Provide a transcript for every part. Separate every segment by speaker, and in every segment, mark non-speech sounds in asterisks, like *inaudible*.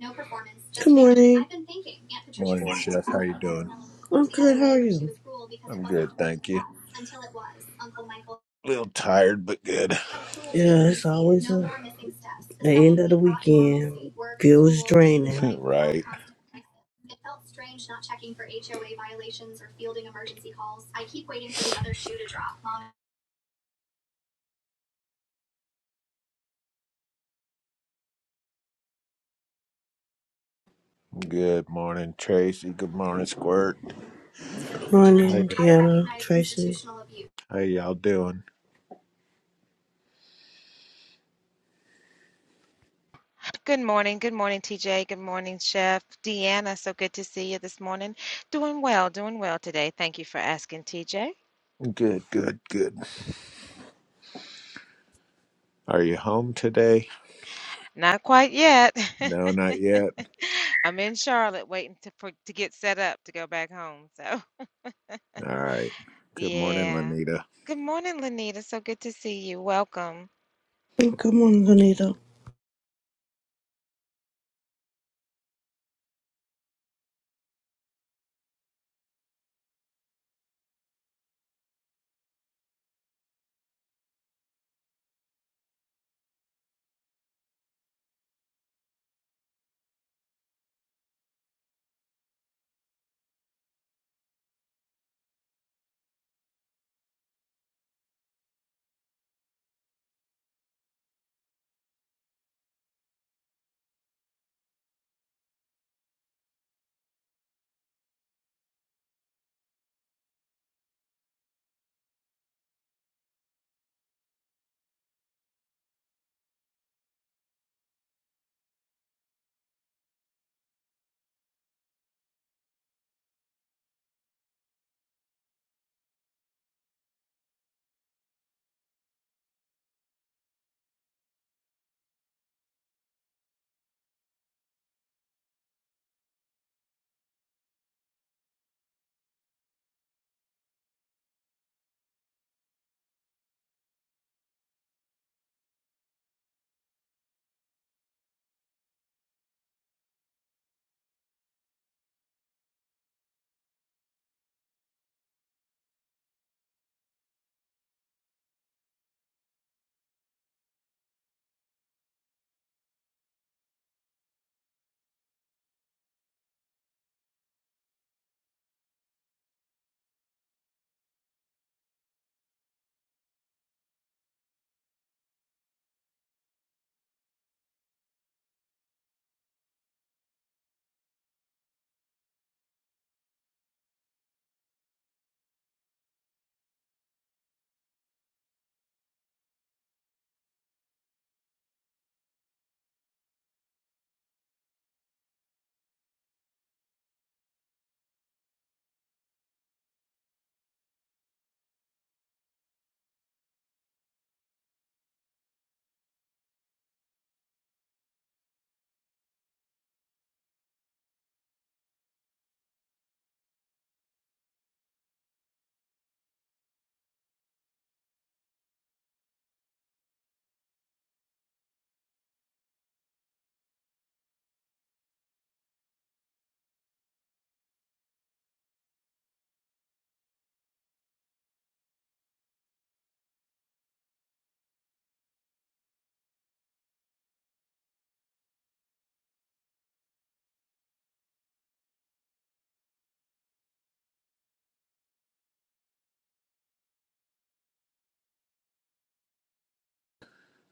Speaker 1: No performance. Just Good morning.
Speaker 2: Morning,
Speaker 1: Morning.
Speaker 2: Chef. How you doing?
Speaker 1: I'm good. How are you? It was cruel because it
Speaker 2: I'm
Speaker 1: wasn't
Speaker 2: good,
Speaker 1: directed
Speaker 2: thank you.
Speaker 1: at us until it was, Uncle Michael.
Speaker 2: A little tired, but good.
Speaker 1: That cruel Yeah, it's tendency, always no a, more missing steps. the The end of the second we brought weekend. normalcy, work, Feels school, draining. Good
Speaker 2: *laughs* right. Good morning, Tracy. Good morning, Squirt.
Speaker 1: morning, suggested. I
Speaker 2: Hi.
Speaker 1: Deanna,
Speaker 2: there.
Speaker 1: recognize Tracy. institutional abuse.
Speaker 2: How y'all doing?
Speaker 3: Good morning. Good morning, TJ. Good morning, Chef. Deanna, so good to see you this morning. Doing well, doing well today. Thank you for asking, TJ.
Speaker 2: Good, good, good. Are you home today?
Speaker 3: Not quite yet. *laughs*
Speaker 2: No, not yet.
Speaker 3: I'm in Charlotte waiting to for, to get set up to go back home. So,
Speaker 2: All right.
Speaker 3: *laughs*
Speaker 2: Good morning,
Speaker 3: yeah.
Speaker 2: Lanita.
Speaker 3: Good morning, Lanita. So good to see you. Welcome.
Speaker 1: Good morning, Anita.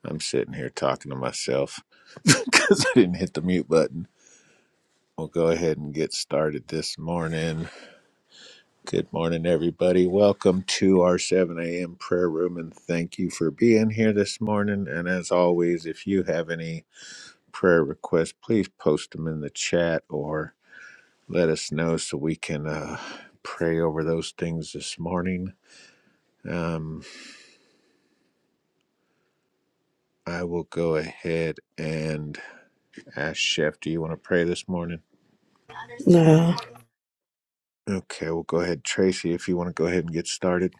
Speaker 2: I'm sitting here talking to myself *laughs* because I didn't hit the mute button. We'll go ahead and get started this morning. Good morning, everybody. Welcome to our 7 a.m. prayer room, and thank you for being here this morning. And as always, if you have any prayer requests, please post them in the chat or let us know so we can uh, pray over those things this morning. Um, I will go ahead and ask Chef, do you want to pray this morning?
Speaker 1: No.
Speaker 2: Okay, we'll go ahead. Tracy, if you want to go ahead and get started.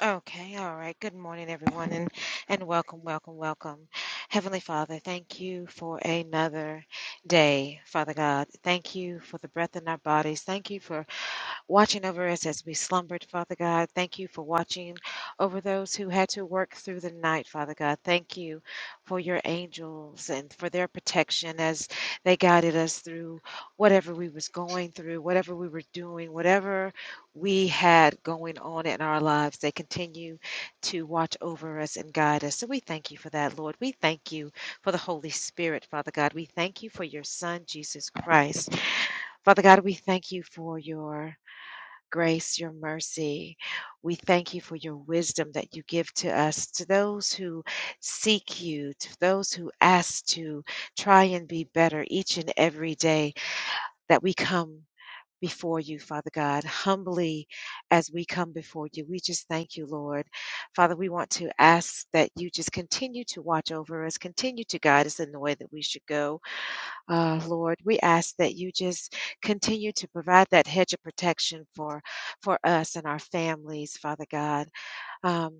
Speaker 3: Okay, all right. Good morning, everyone, and and welcome, welcome, welcome. Heavenly Father, thank you for another day, Father God. Thank you for the breath in our bodies. Thank you for watching over us as we slumbered, Father God. Thank you for watching over those who had to work through the night, Father God. Thank you for your angels and for their protection as they guided us through whatever we was going through, whatever we were doing, whatever we had going on in our lives. They continue to watch over us and guide us. So we thank you for that, Lord. We thank you for the Holy Spirit, Father God. We thank you for your Son, Jesus Christ. Father God, we thank you for your grace, your mercy. We thank you for your wisdom that you give to us, to those who seek you, to those who ask to try and be better each and every day that we come before you, Father God, humbly as we come before you. We just thank you, Lord. Father, we want to ask that you just continue to watch over us, continue to guide us in the way that we should go. Uh, Lord, we ask that you just continue to provide that hedge of protection for for us and our families, Father God. Um,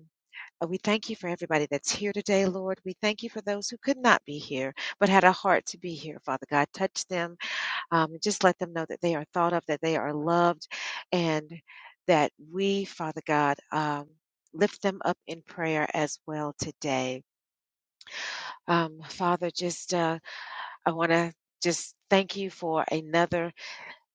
Speaker 3: uh, We thank you for everybody that's here today, Lord. We thank you for those who could not be here but had a heart to be here, Father God. Touch them. Um, and just let them know that they are thought of, that they are loved, and that we, Father God, um, lift them up in prayer as well today. Um, Father, just uh, I want to just thank you for another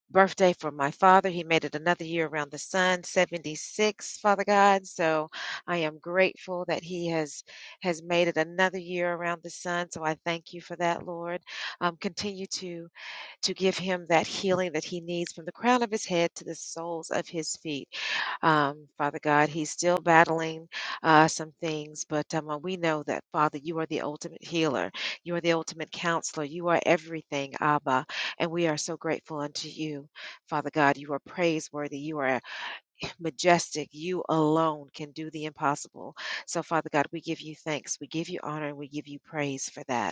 Speaker 3: birthday for my father. He made it another year around the sun, 76, Father God. So I am grateful that he has has made it another year around the sun. So I thank you for that, Lord. Um, continue to to give him that healing that he needs from the crown of his head to the soles of his feet. Um, Father God, he's still battling uh, some things, but um, uh, we know that, Father, you are the ultimate healer. You are the ultimate counselor. You are everything, Abba, and we are so grateful unto you. Father God, you are praiseworthy. You are majestic. You alone can do the impossible. So, Father God, we give you thanks. We give you honor and we give you praise for that.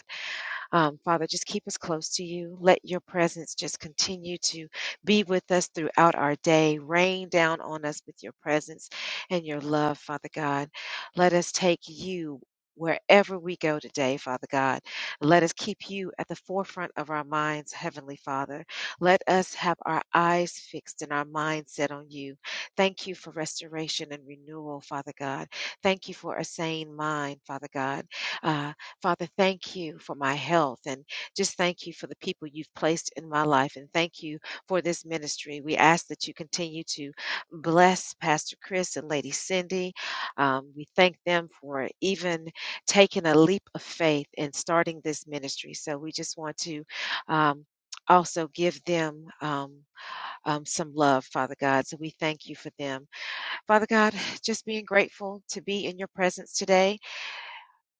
Speaker 3: Um, Father, just keep us close to you. Let your presence just continue to be with us throughout our day. Rain down on us with your presence and your love, Father God. Let us take you. Wherever we go today, Father God, let us keep you at the forefront of our minds, Heavenly Father. Let us have our eyes fixed and our minds set on you. Thank you for restoration and renewal, Father God. Thank you for a sane mind, Father God. Uh, Father, thank you for my health and just thank you for the people you've placed in my life and thank you for this ministry. We ask that you continue to bless Pastor Chris and Lady Cindy. Um, we thank them for even taking a leap of faith and starting this ministry. So we just want to um, also give them um, um, some love, Father God. So we thank you for them. Father God, just being grateful to be in your presence today.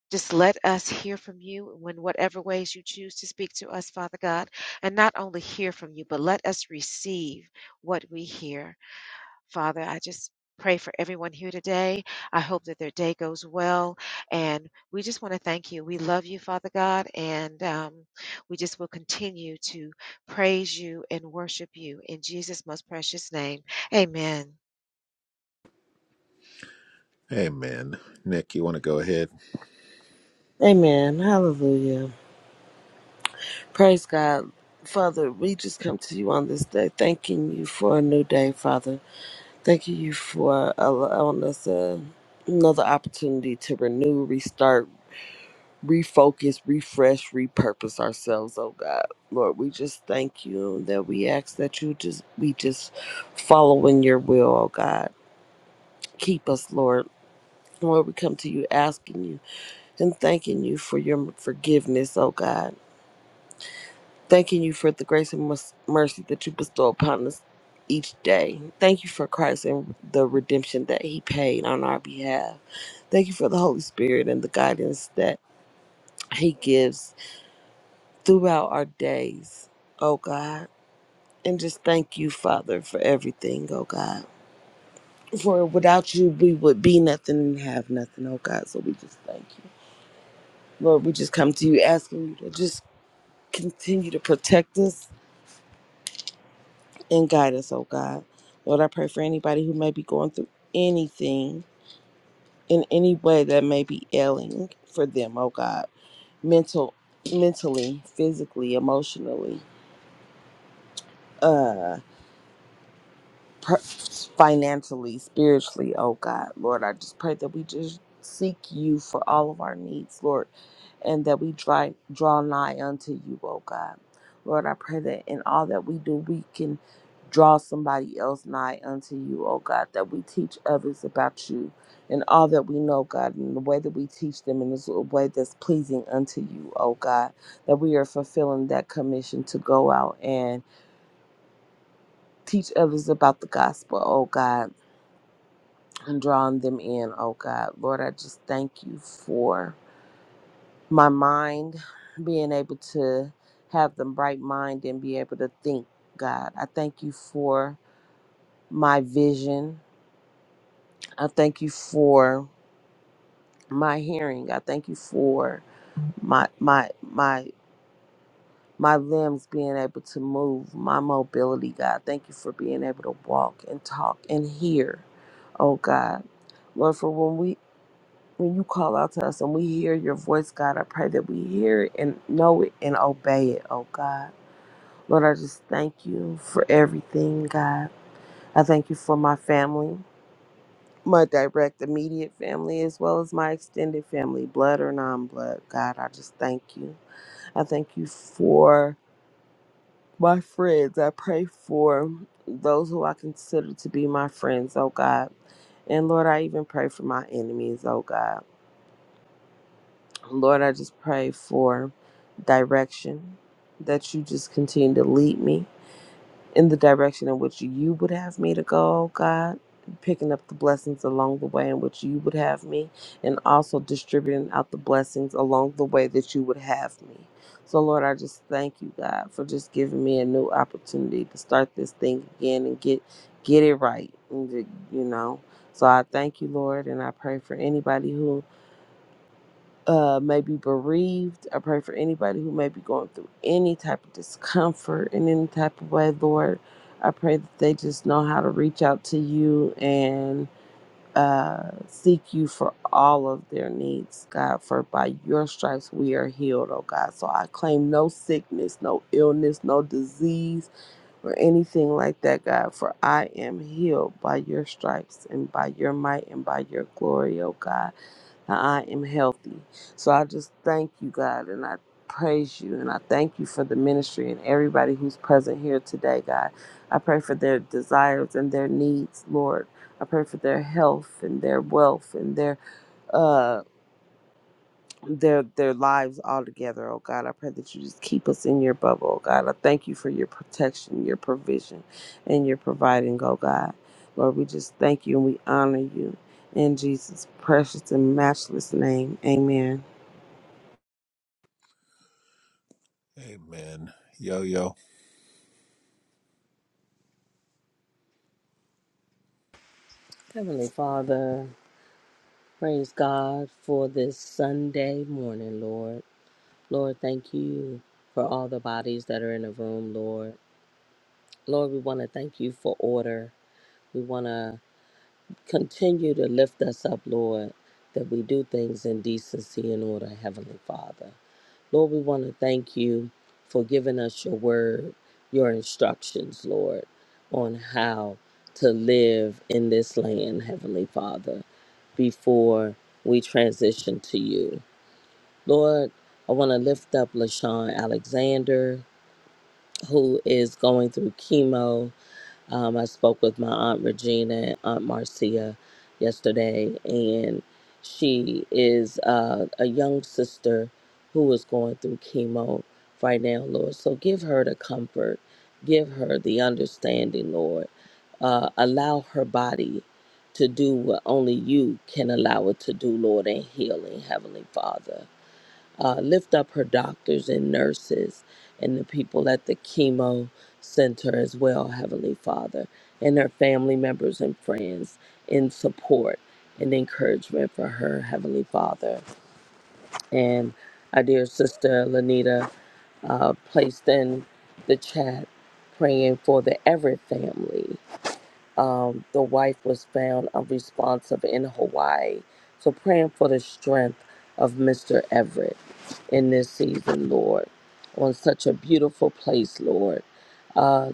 Speaker 3: Just let us hear from you in whatever ways you choose to speak to us, Father God. And not only hear from you, but let us receive what we hear. Father, I just pray for everyone here today. I hope that their day goes well. And we just want to thank you. We love you, Father God. And um, we just will continue to praise you and worship you. In Jesus' most precious name, amen.
Speaker 2: Amen. Nick, you want to go ahead?
Speaker 4: Amen. Hallelujah. Praise God. Father, we just come to you on this day, thanking you for a new day, Father. Thanking you for allowing us uh, another opportunity to renew, restart, refocus, refresh, repurpose ourselves, oh God. Lord, we just thank you that we ask that you just, we just follow in your will, oh God. Keep us, Lord. Lord, we come to you asking you and thanking you for your forgiveness, oh God. Thanking you for the grace and mes- mercy that you bestow upon us each day. Thank you for Christ and the redemption that he paid on our behalf. Thank you for the Holy Spirit and the guidance that he gives throughout our days, oh God. And just thank you, Father, for everything, oh God. For without you, we would be nothing and have nothing, oh God. So we just thank you. Lord, we just come to you asking you to just continue to protect us and guide us, oh God. Lord, I pray for anybody who may be going through anything in any way that may be ailing for them, oh God. Mental mentally, physically, emotionally. uh per- financially, spiritually. Oh God, Lord, I just pray that we just seek you for all of our needs, Lord, and that we dry, draw nigh unto you, oh God. Lord, I pray that in all that we do, we can draw somebody else nigh unto you, oh God, that we teach others about you and all that we know, God, and the way that we teach them in this a way that's pleasing unto you, oh God, that we are fulfilling that commission to go out and teach others about the gospel, oh God and drawing them in, oh God. Lord, I just thank you for my mind being able to have the bright mind and be able to think, God. I thank you for my vision. I thank you for my hearing. I thank you for my my my my limbs being able to move, my mobility, God. Thank you for being able to walk and talk and hear, oh God. Lord, for when we when you call out to us and we hear your voice, God, I pray that we hear it and know it and obey it, oh God. Lord, I just thank you for everything, God. I thank you for my family, my direct immediate family, as well as my extended family, blood or non blood. God, I just thank you. I thank you for my friends. I pray for those who I consider to be my friends, oh God. And Lord, I even pray for my enemies, oh God. Lord, I just pray for direction that you just continue to lead me in the direction in which you would have me to go, oh God. Picking up the blessings along the way in which you would have me, and also distributing out the blessings along the way that you would have me. So, Lord, I just thank you, God, for just giving me a new opportunity to start this thing again and get get it right. and to- You know, so I thank you, Lord, and I pray for anybody who uh, may be bereaved. I pray for anybody who may be going through any type of discomfort in any type of way, Lord. I pray that they just know how to reach out to you and uh, seek you for all of their needs, God. For by your stripes we are healed, oh God. So I claim no sickness, no illness, no disease, or anything like that, God. For I am healed by your stripes and by your might and by your glory, oh God that I am healthy. So I just thank you, God, and I praise you, and I thank you for the ministry and everybody who's present here today, God. I pray for their desires and their needs, Lord. I pray for their health and their wealth and their uh their their lives all together, oh God. I pray that you just keep us in your bubble, oh God. I thank you for your protection, your provision, and your providing, oh God. Lord, we just thank you and we honor you in Jesus' precious and matchless name. Amen.
Speaker 2: Amen. Yo, yo.
Speaker 5: Heavenly Father, praise God for this Sunday morning, Lord. Lord, thank you for all the bodies that are in the room, Lord. Lord, we want to thank you for order. We want to continue to lift us up, Lord, that we do things in decency and order, Heavenly Father. Lord, we want to thank you for giving us your word, your instructions, Lord, on how to live in this land, Heavenly Father, before we transition to you. Lord, I want to lift up LaShawn Alexander, who is going through chemo um, I spoke with my aunt Regina and aunt Marcia yesterday, and she is uh, a young sister who is going through chemo right now, Lord. So give her the comfort, give her the understanding, Lord. Uh, allow her body to do what only you can allow it to do, Lord, in healing, Heavenly Father uh, lift up her doctors and nurses and the people at the chemo center as well, Heavenly Father, and her family members and friends in support and encouragement for her, Heavenly Father. And our dear sister Lanita uh, placed in the chat praying for the Everett family. Um, the wife was found unresponsive in Hawaii. So praying for the strength of Mr. Everett in this season, Lord, on such a beautiful place, Lord. Uh,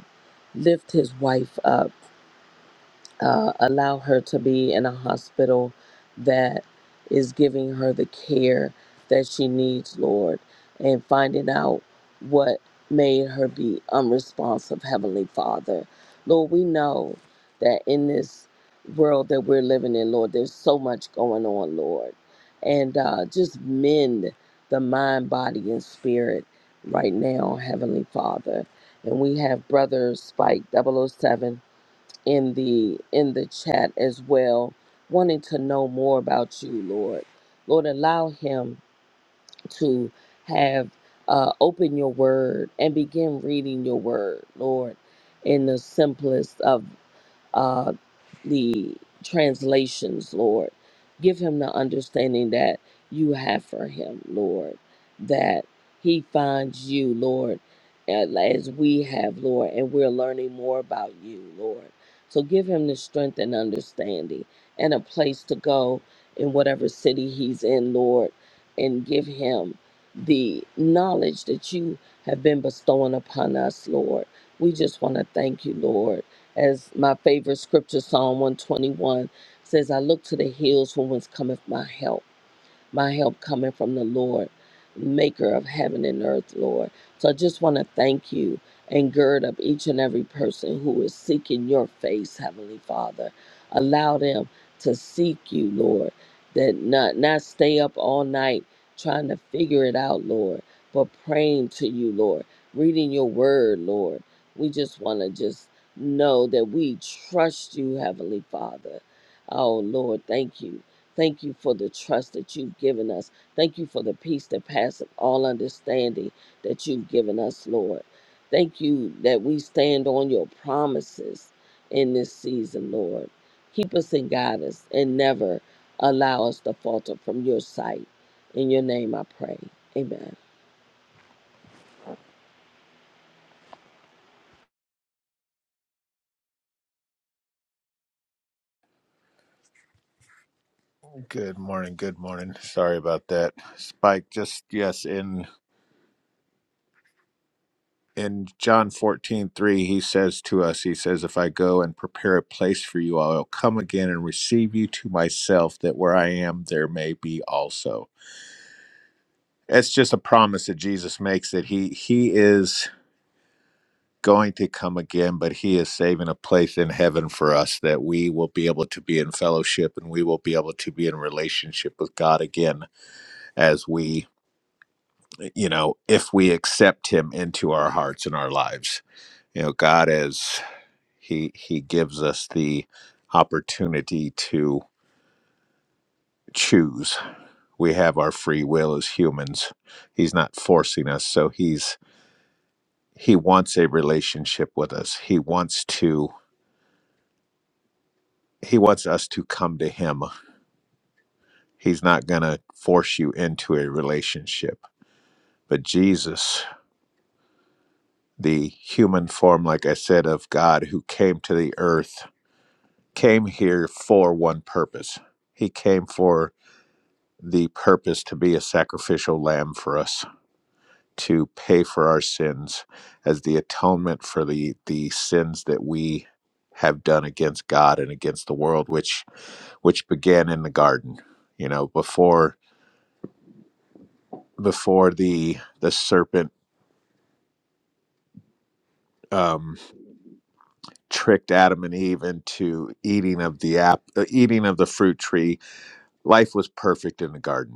Speaker 5: lift his wife up uh, allow her to be in a hospital that is giving her the care that she needs, Lord, and finding out what made her be unresponsive, Heavenly Father. Lord, we know that in this world that we're living in, Lord, there's so much going on, Lord. And uh, just mend the mind, body, and spirit right now, Heavenly Father. And we have Brother Spike double oh 007 in the in the chat as well wanting to know more about you lord lord allow him to have uh, open your word and begin reading your word lord in the simplest of uh, the translations, Lord. Give him the understanding that you have for him, Lord, that he finds you, Lord, and as we have, Lord, and we're learning more about you, Lord. So give him the strength and understanding and a place to go in whatever city he's in, Lord, and give him the knowledge that you have been bestowing upon us, Lord. We just want to thank you, Lord as my favorite scripture, Psalm 121 says, I look to the hills from whence cometh my help my help coming from the Lord, maker of heaven and earth, Lord. So I just want to thank you and gird up each and every person who is seeking your face, Heavenly Father. Allow them to seek you, Lord, that not, not stay up all night trying to figure it out, Lord, but praying to you, Lord, reading your word, Lord. We just want to just know that we trust you, Heavenly Father. Oh, Lord, thank you Thank you for the trust that you've given us. Thank you for the peace that passeth all understanding that you've given us, Lord. Thank you that we stand on your promises in this season, Lord. Keep us and guide us and never allow us to falter from your sight. In your name I pray. Amen.
Speaker 2: Good morning. Good morning. Sorry about that. Spike, just yes, in in John fourteen three, he says to us, he says, If I go and prepare a place for you, I'll come again and receive you to myself, that where I am, there may be also. It's just a promise that Jesus makes that he he is going to come again, but he is saving a place in heaven for us that we will be able to be in fellowship and we will be able to be in relationship with God again as we you know, if we accept him into our hearts and our lives. You know, God is he he gives us the opportunity to choose. We have our free will as humans. He's not forcing us, so he's he wants a relationship with us. He wants to he wants us to come to him. He's not going to force you into a relationship. But Jesus, the human form like I said of God who came to the earth came here for one purpose. He came for the purpose to be a sacrificial lamb for us, to pay for our sins as the atonement for the, the sins that we have done against God and against the world, which which began in the garden. You know, before before the the serpent um, tricked Adam and Eve into eating of the app, uh, eating of the fruit tree. Life was perfect in the garden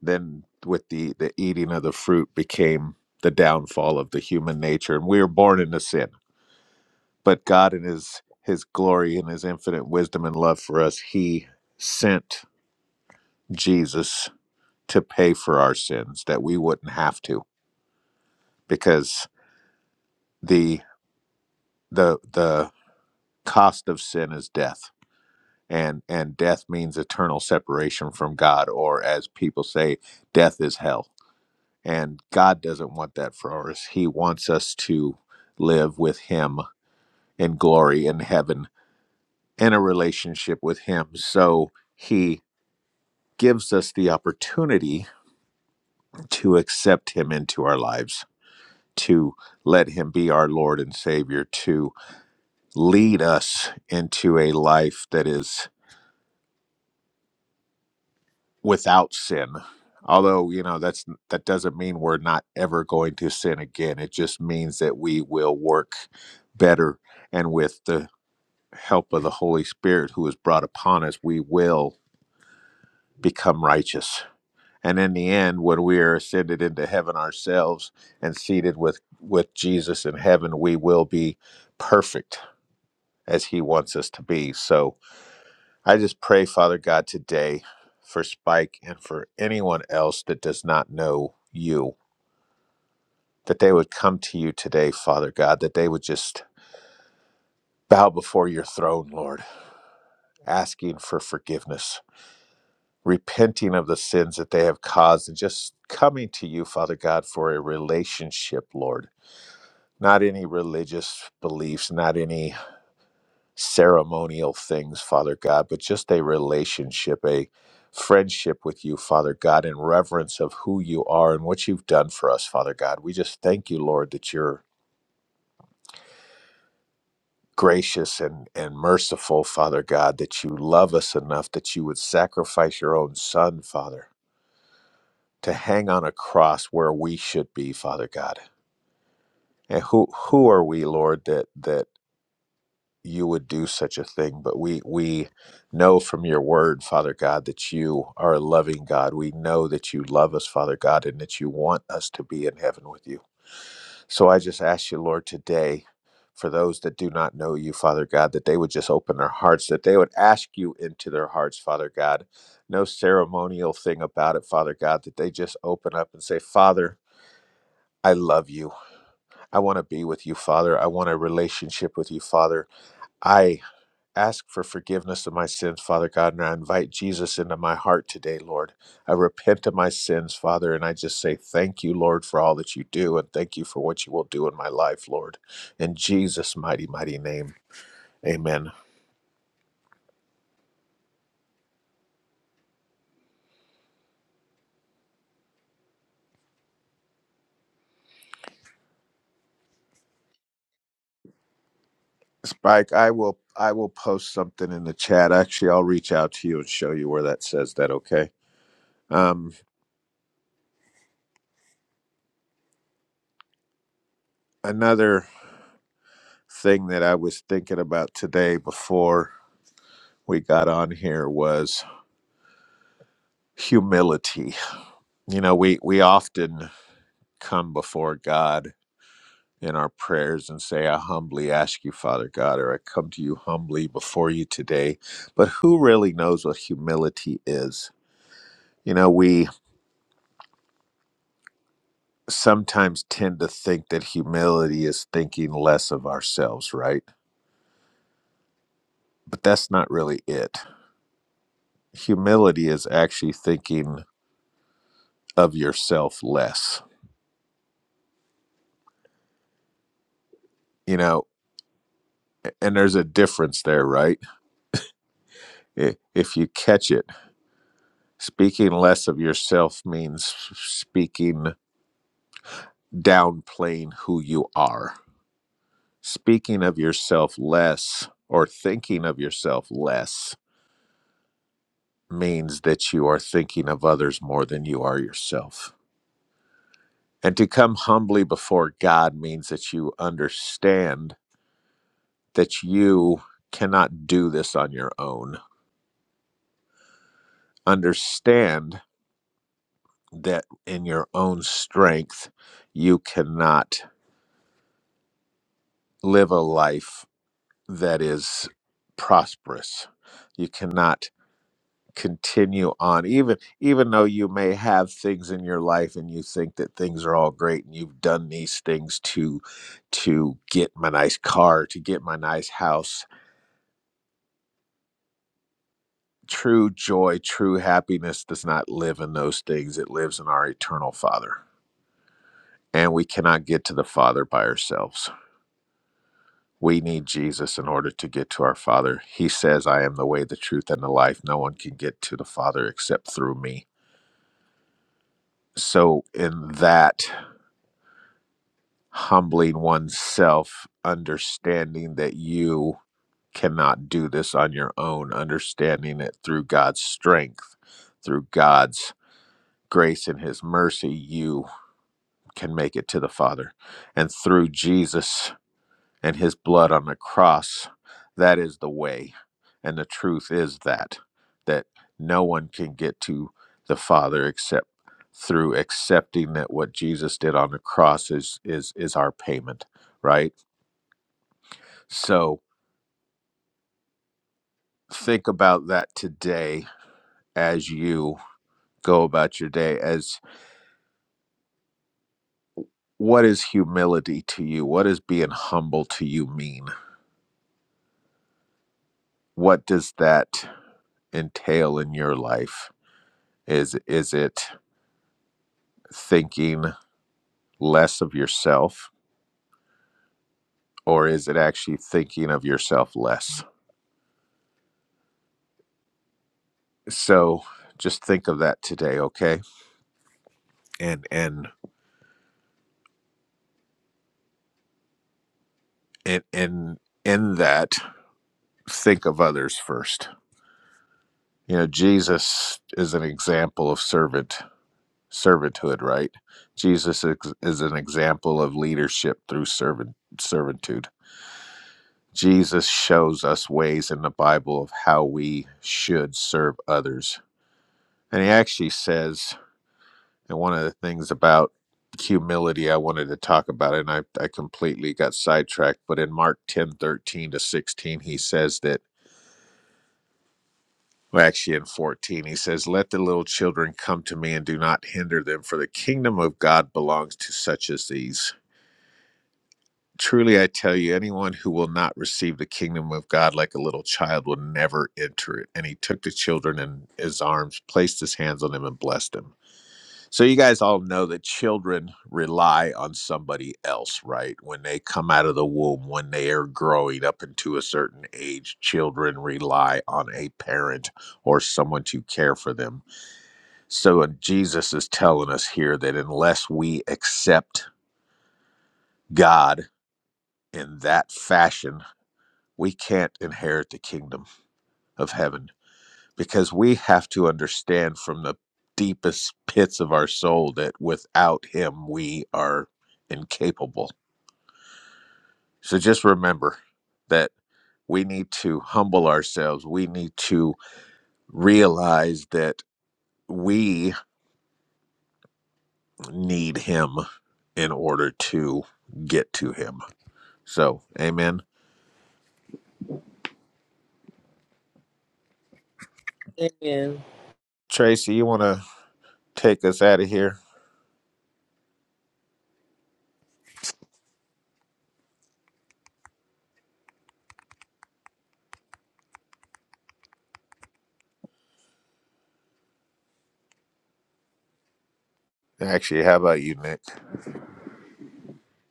Speaker 2: then with the the eating of the fruit became the downfall of the human nature and we were born into sin but god in his his glory and his infinite wisdom and love for us he sent jesus to pay for our sins that we wouldn't have to because the the the cost of sin is death and and death means eternal separation from god or as people say death is hell And God doesn't want that for us. He wants us to live with Him in glory in heaven in a relationship with Him. So He gives us the opportunity to accept Him into our lives, to let Him be our Lord and Savior, to lead us into a life that is without sin. Although, you know, that's that doesn't mean we're not ever going to sin again. It just means that we will work better and with the help of the Holy Spirit who is brought upon us, we will become righteous. And in the end, when we are ascended into heaven ourselves and seated with, with Jesus in heaven, we will be perfect as he wants us to be. So I just pray, Father God, today for Spike and for anyone else that does not know you, that they would come to you today, Father God, that they would just bow before your throne, Lord, asking for forgiveness repenting of the sins that they have caused and just coming to you, Father God, for a relationship, Lord. Not any religious beliefs, not any ceremonial things, Father God, but just a relationship, a friendship with you, Father God, in reverence of who you are and what you've done for us, Father God. We just thank you, Lord, that you're gracious and, and merciful, Father God, that you love us enough that you would sacrifice your own son, Father to hang on a cross where we should be, Father God. And who who are we, Lord, that that you would do such a thing? But we we know from your word, Father God, that you are a loving God. We know that you love us, Father God, and that you want us to be in heaven with you. So I just ask you, Lord, today for those that do not know you, Father God, that they would just open their hearts, that they would ask you into their hearts, Father God. No ceremonial thing about it, Father God, that they just open up and say, Father, I love you. I want to be with you, Father. I want a relationship with you, Father. I ask for forgiveness of my sins, Father God, and I invite Jesus into my heart today, Lord. I repent of my sins, Father, and I just say thank you, Lord, for all that you do, and thank you for what you will do in my life, Lord. In Jesus' mighty, mighty name. Amen. Spike, I will I will post something in the chat. Actually, I'll reach out to you and show you where that says that, okay? Um another thing that I was thinking about today before we got on here was humility. You know, we, we often come before God in our prayers and say, I humbly ask you, Father God, or I come to you humbly before you today. But who really knows what humility is? You know, we sometimes tend to think that humility is thinking less of ourselves, right? But that's not really it. Humility is actually thinking of yourself less you know and there's a difference there right I- if you catch it speaking less of yourself means speaking downplaying who you are speaking of yourself less or thinking of yourself less means that you are thinking of others more than you are yourself and to come humbly before god means that you understand that you cannot do this on your own understand that in your own strength you cannot live a life that is prosperous you cannot continue on even even though you may have things in your life and you think that things are all great and you've done these things to to get my nice car to get my nice house true joy true happiness does not live in those things it lives in our eternal father and we cannot get to the father by ourselves We need Jesus in order to get to our Father. He says, I am the way, the truth, and the life. No one can get to the Father except through me. So, in that, humbling oneself, understanding that you cannot do this on your own, understanding it through God's strength, through God's grace and His mercy, you can make it to the Father. And through Jesus and his blood on the cross that is the way and the truth is that that no one can get to the father except through accepting that what Jesus did on the cross is is is our payment right so think about that today as you go about your day as what is humility to you what does being humble to you mean what does that entail in your life is is it thinking less of yourself, or is it actually thinking of yourself less? So just think of that today, okay? And and and and in that, think of others first. You know, Jesus is an example of servant servanthood, right? Jesus is an example of leadership through servant servitude. Jesus shows us ways in the Bible of how we should serve others. And he actually says And one of the things about humility I wanted to talk about, and I, I completely got sidetracked, but in Mark 10 13 to 16, he says that, well, actually in 14, he says, Let the little children come to me and do not hinder them, for the kingdom of God belongs to such as these. Truly, I tell you, anyone who will not receive the kingdom of God like a little child will never enter it. And he took the children in his arms, placed his hands on them, and blessed them So you guys all know that children rely on somebody else, right? When they come out of the womb, when they are growing up into a certain age, children rely on a parent or someone to care for them. So and Jesus is telling us here that unless we accept God in that fashion, we can't inherit the kingdom of heaven because we have to understand from the deepest pits of our soul that without him we are incapable. So just remember that we need to humble ourselves. We need to realize that we need him in order to get to him. So, amen.
Speaker 4: Amen.
Speaker 2: Tracy, you want to take us out of here? Actually, how about you, Nick?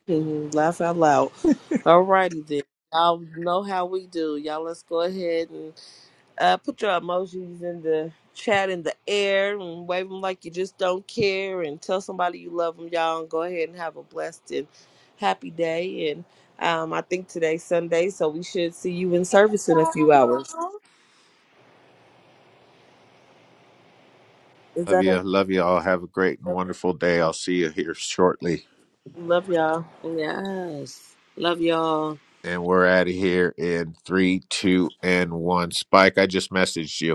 Speaker 4: Mhm. Laugh out loud. Alrighty then. Y'all know how we do. Y'all let's go ahead and Uh, put your emojis in the chat in the air and wave them like you just don't care and tell somebody you love them, y'all. And go ahead and have a blessed and happy day. And um, I think today's Sunday, so we should see you in service in a few hours. Is
Speaker 2: Love
Speaker 4: that
Speaker 2: you. Love you all. Have a great and
Speaker 4: everything?
Speaker 2: wonderful day. I'll see you here shortly.
Speaker 4: Love y'all.
Speaker 5: Yes. Love y'all.
Speaker 2: And we're out of here in three, two, and one. Spike, I just messaged you.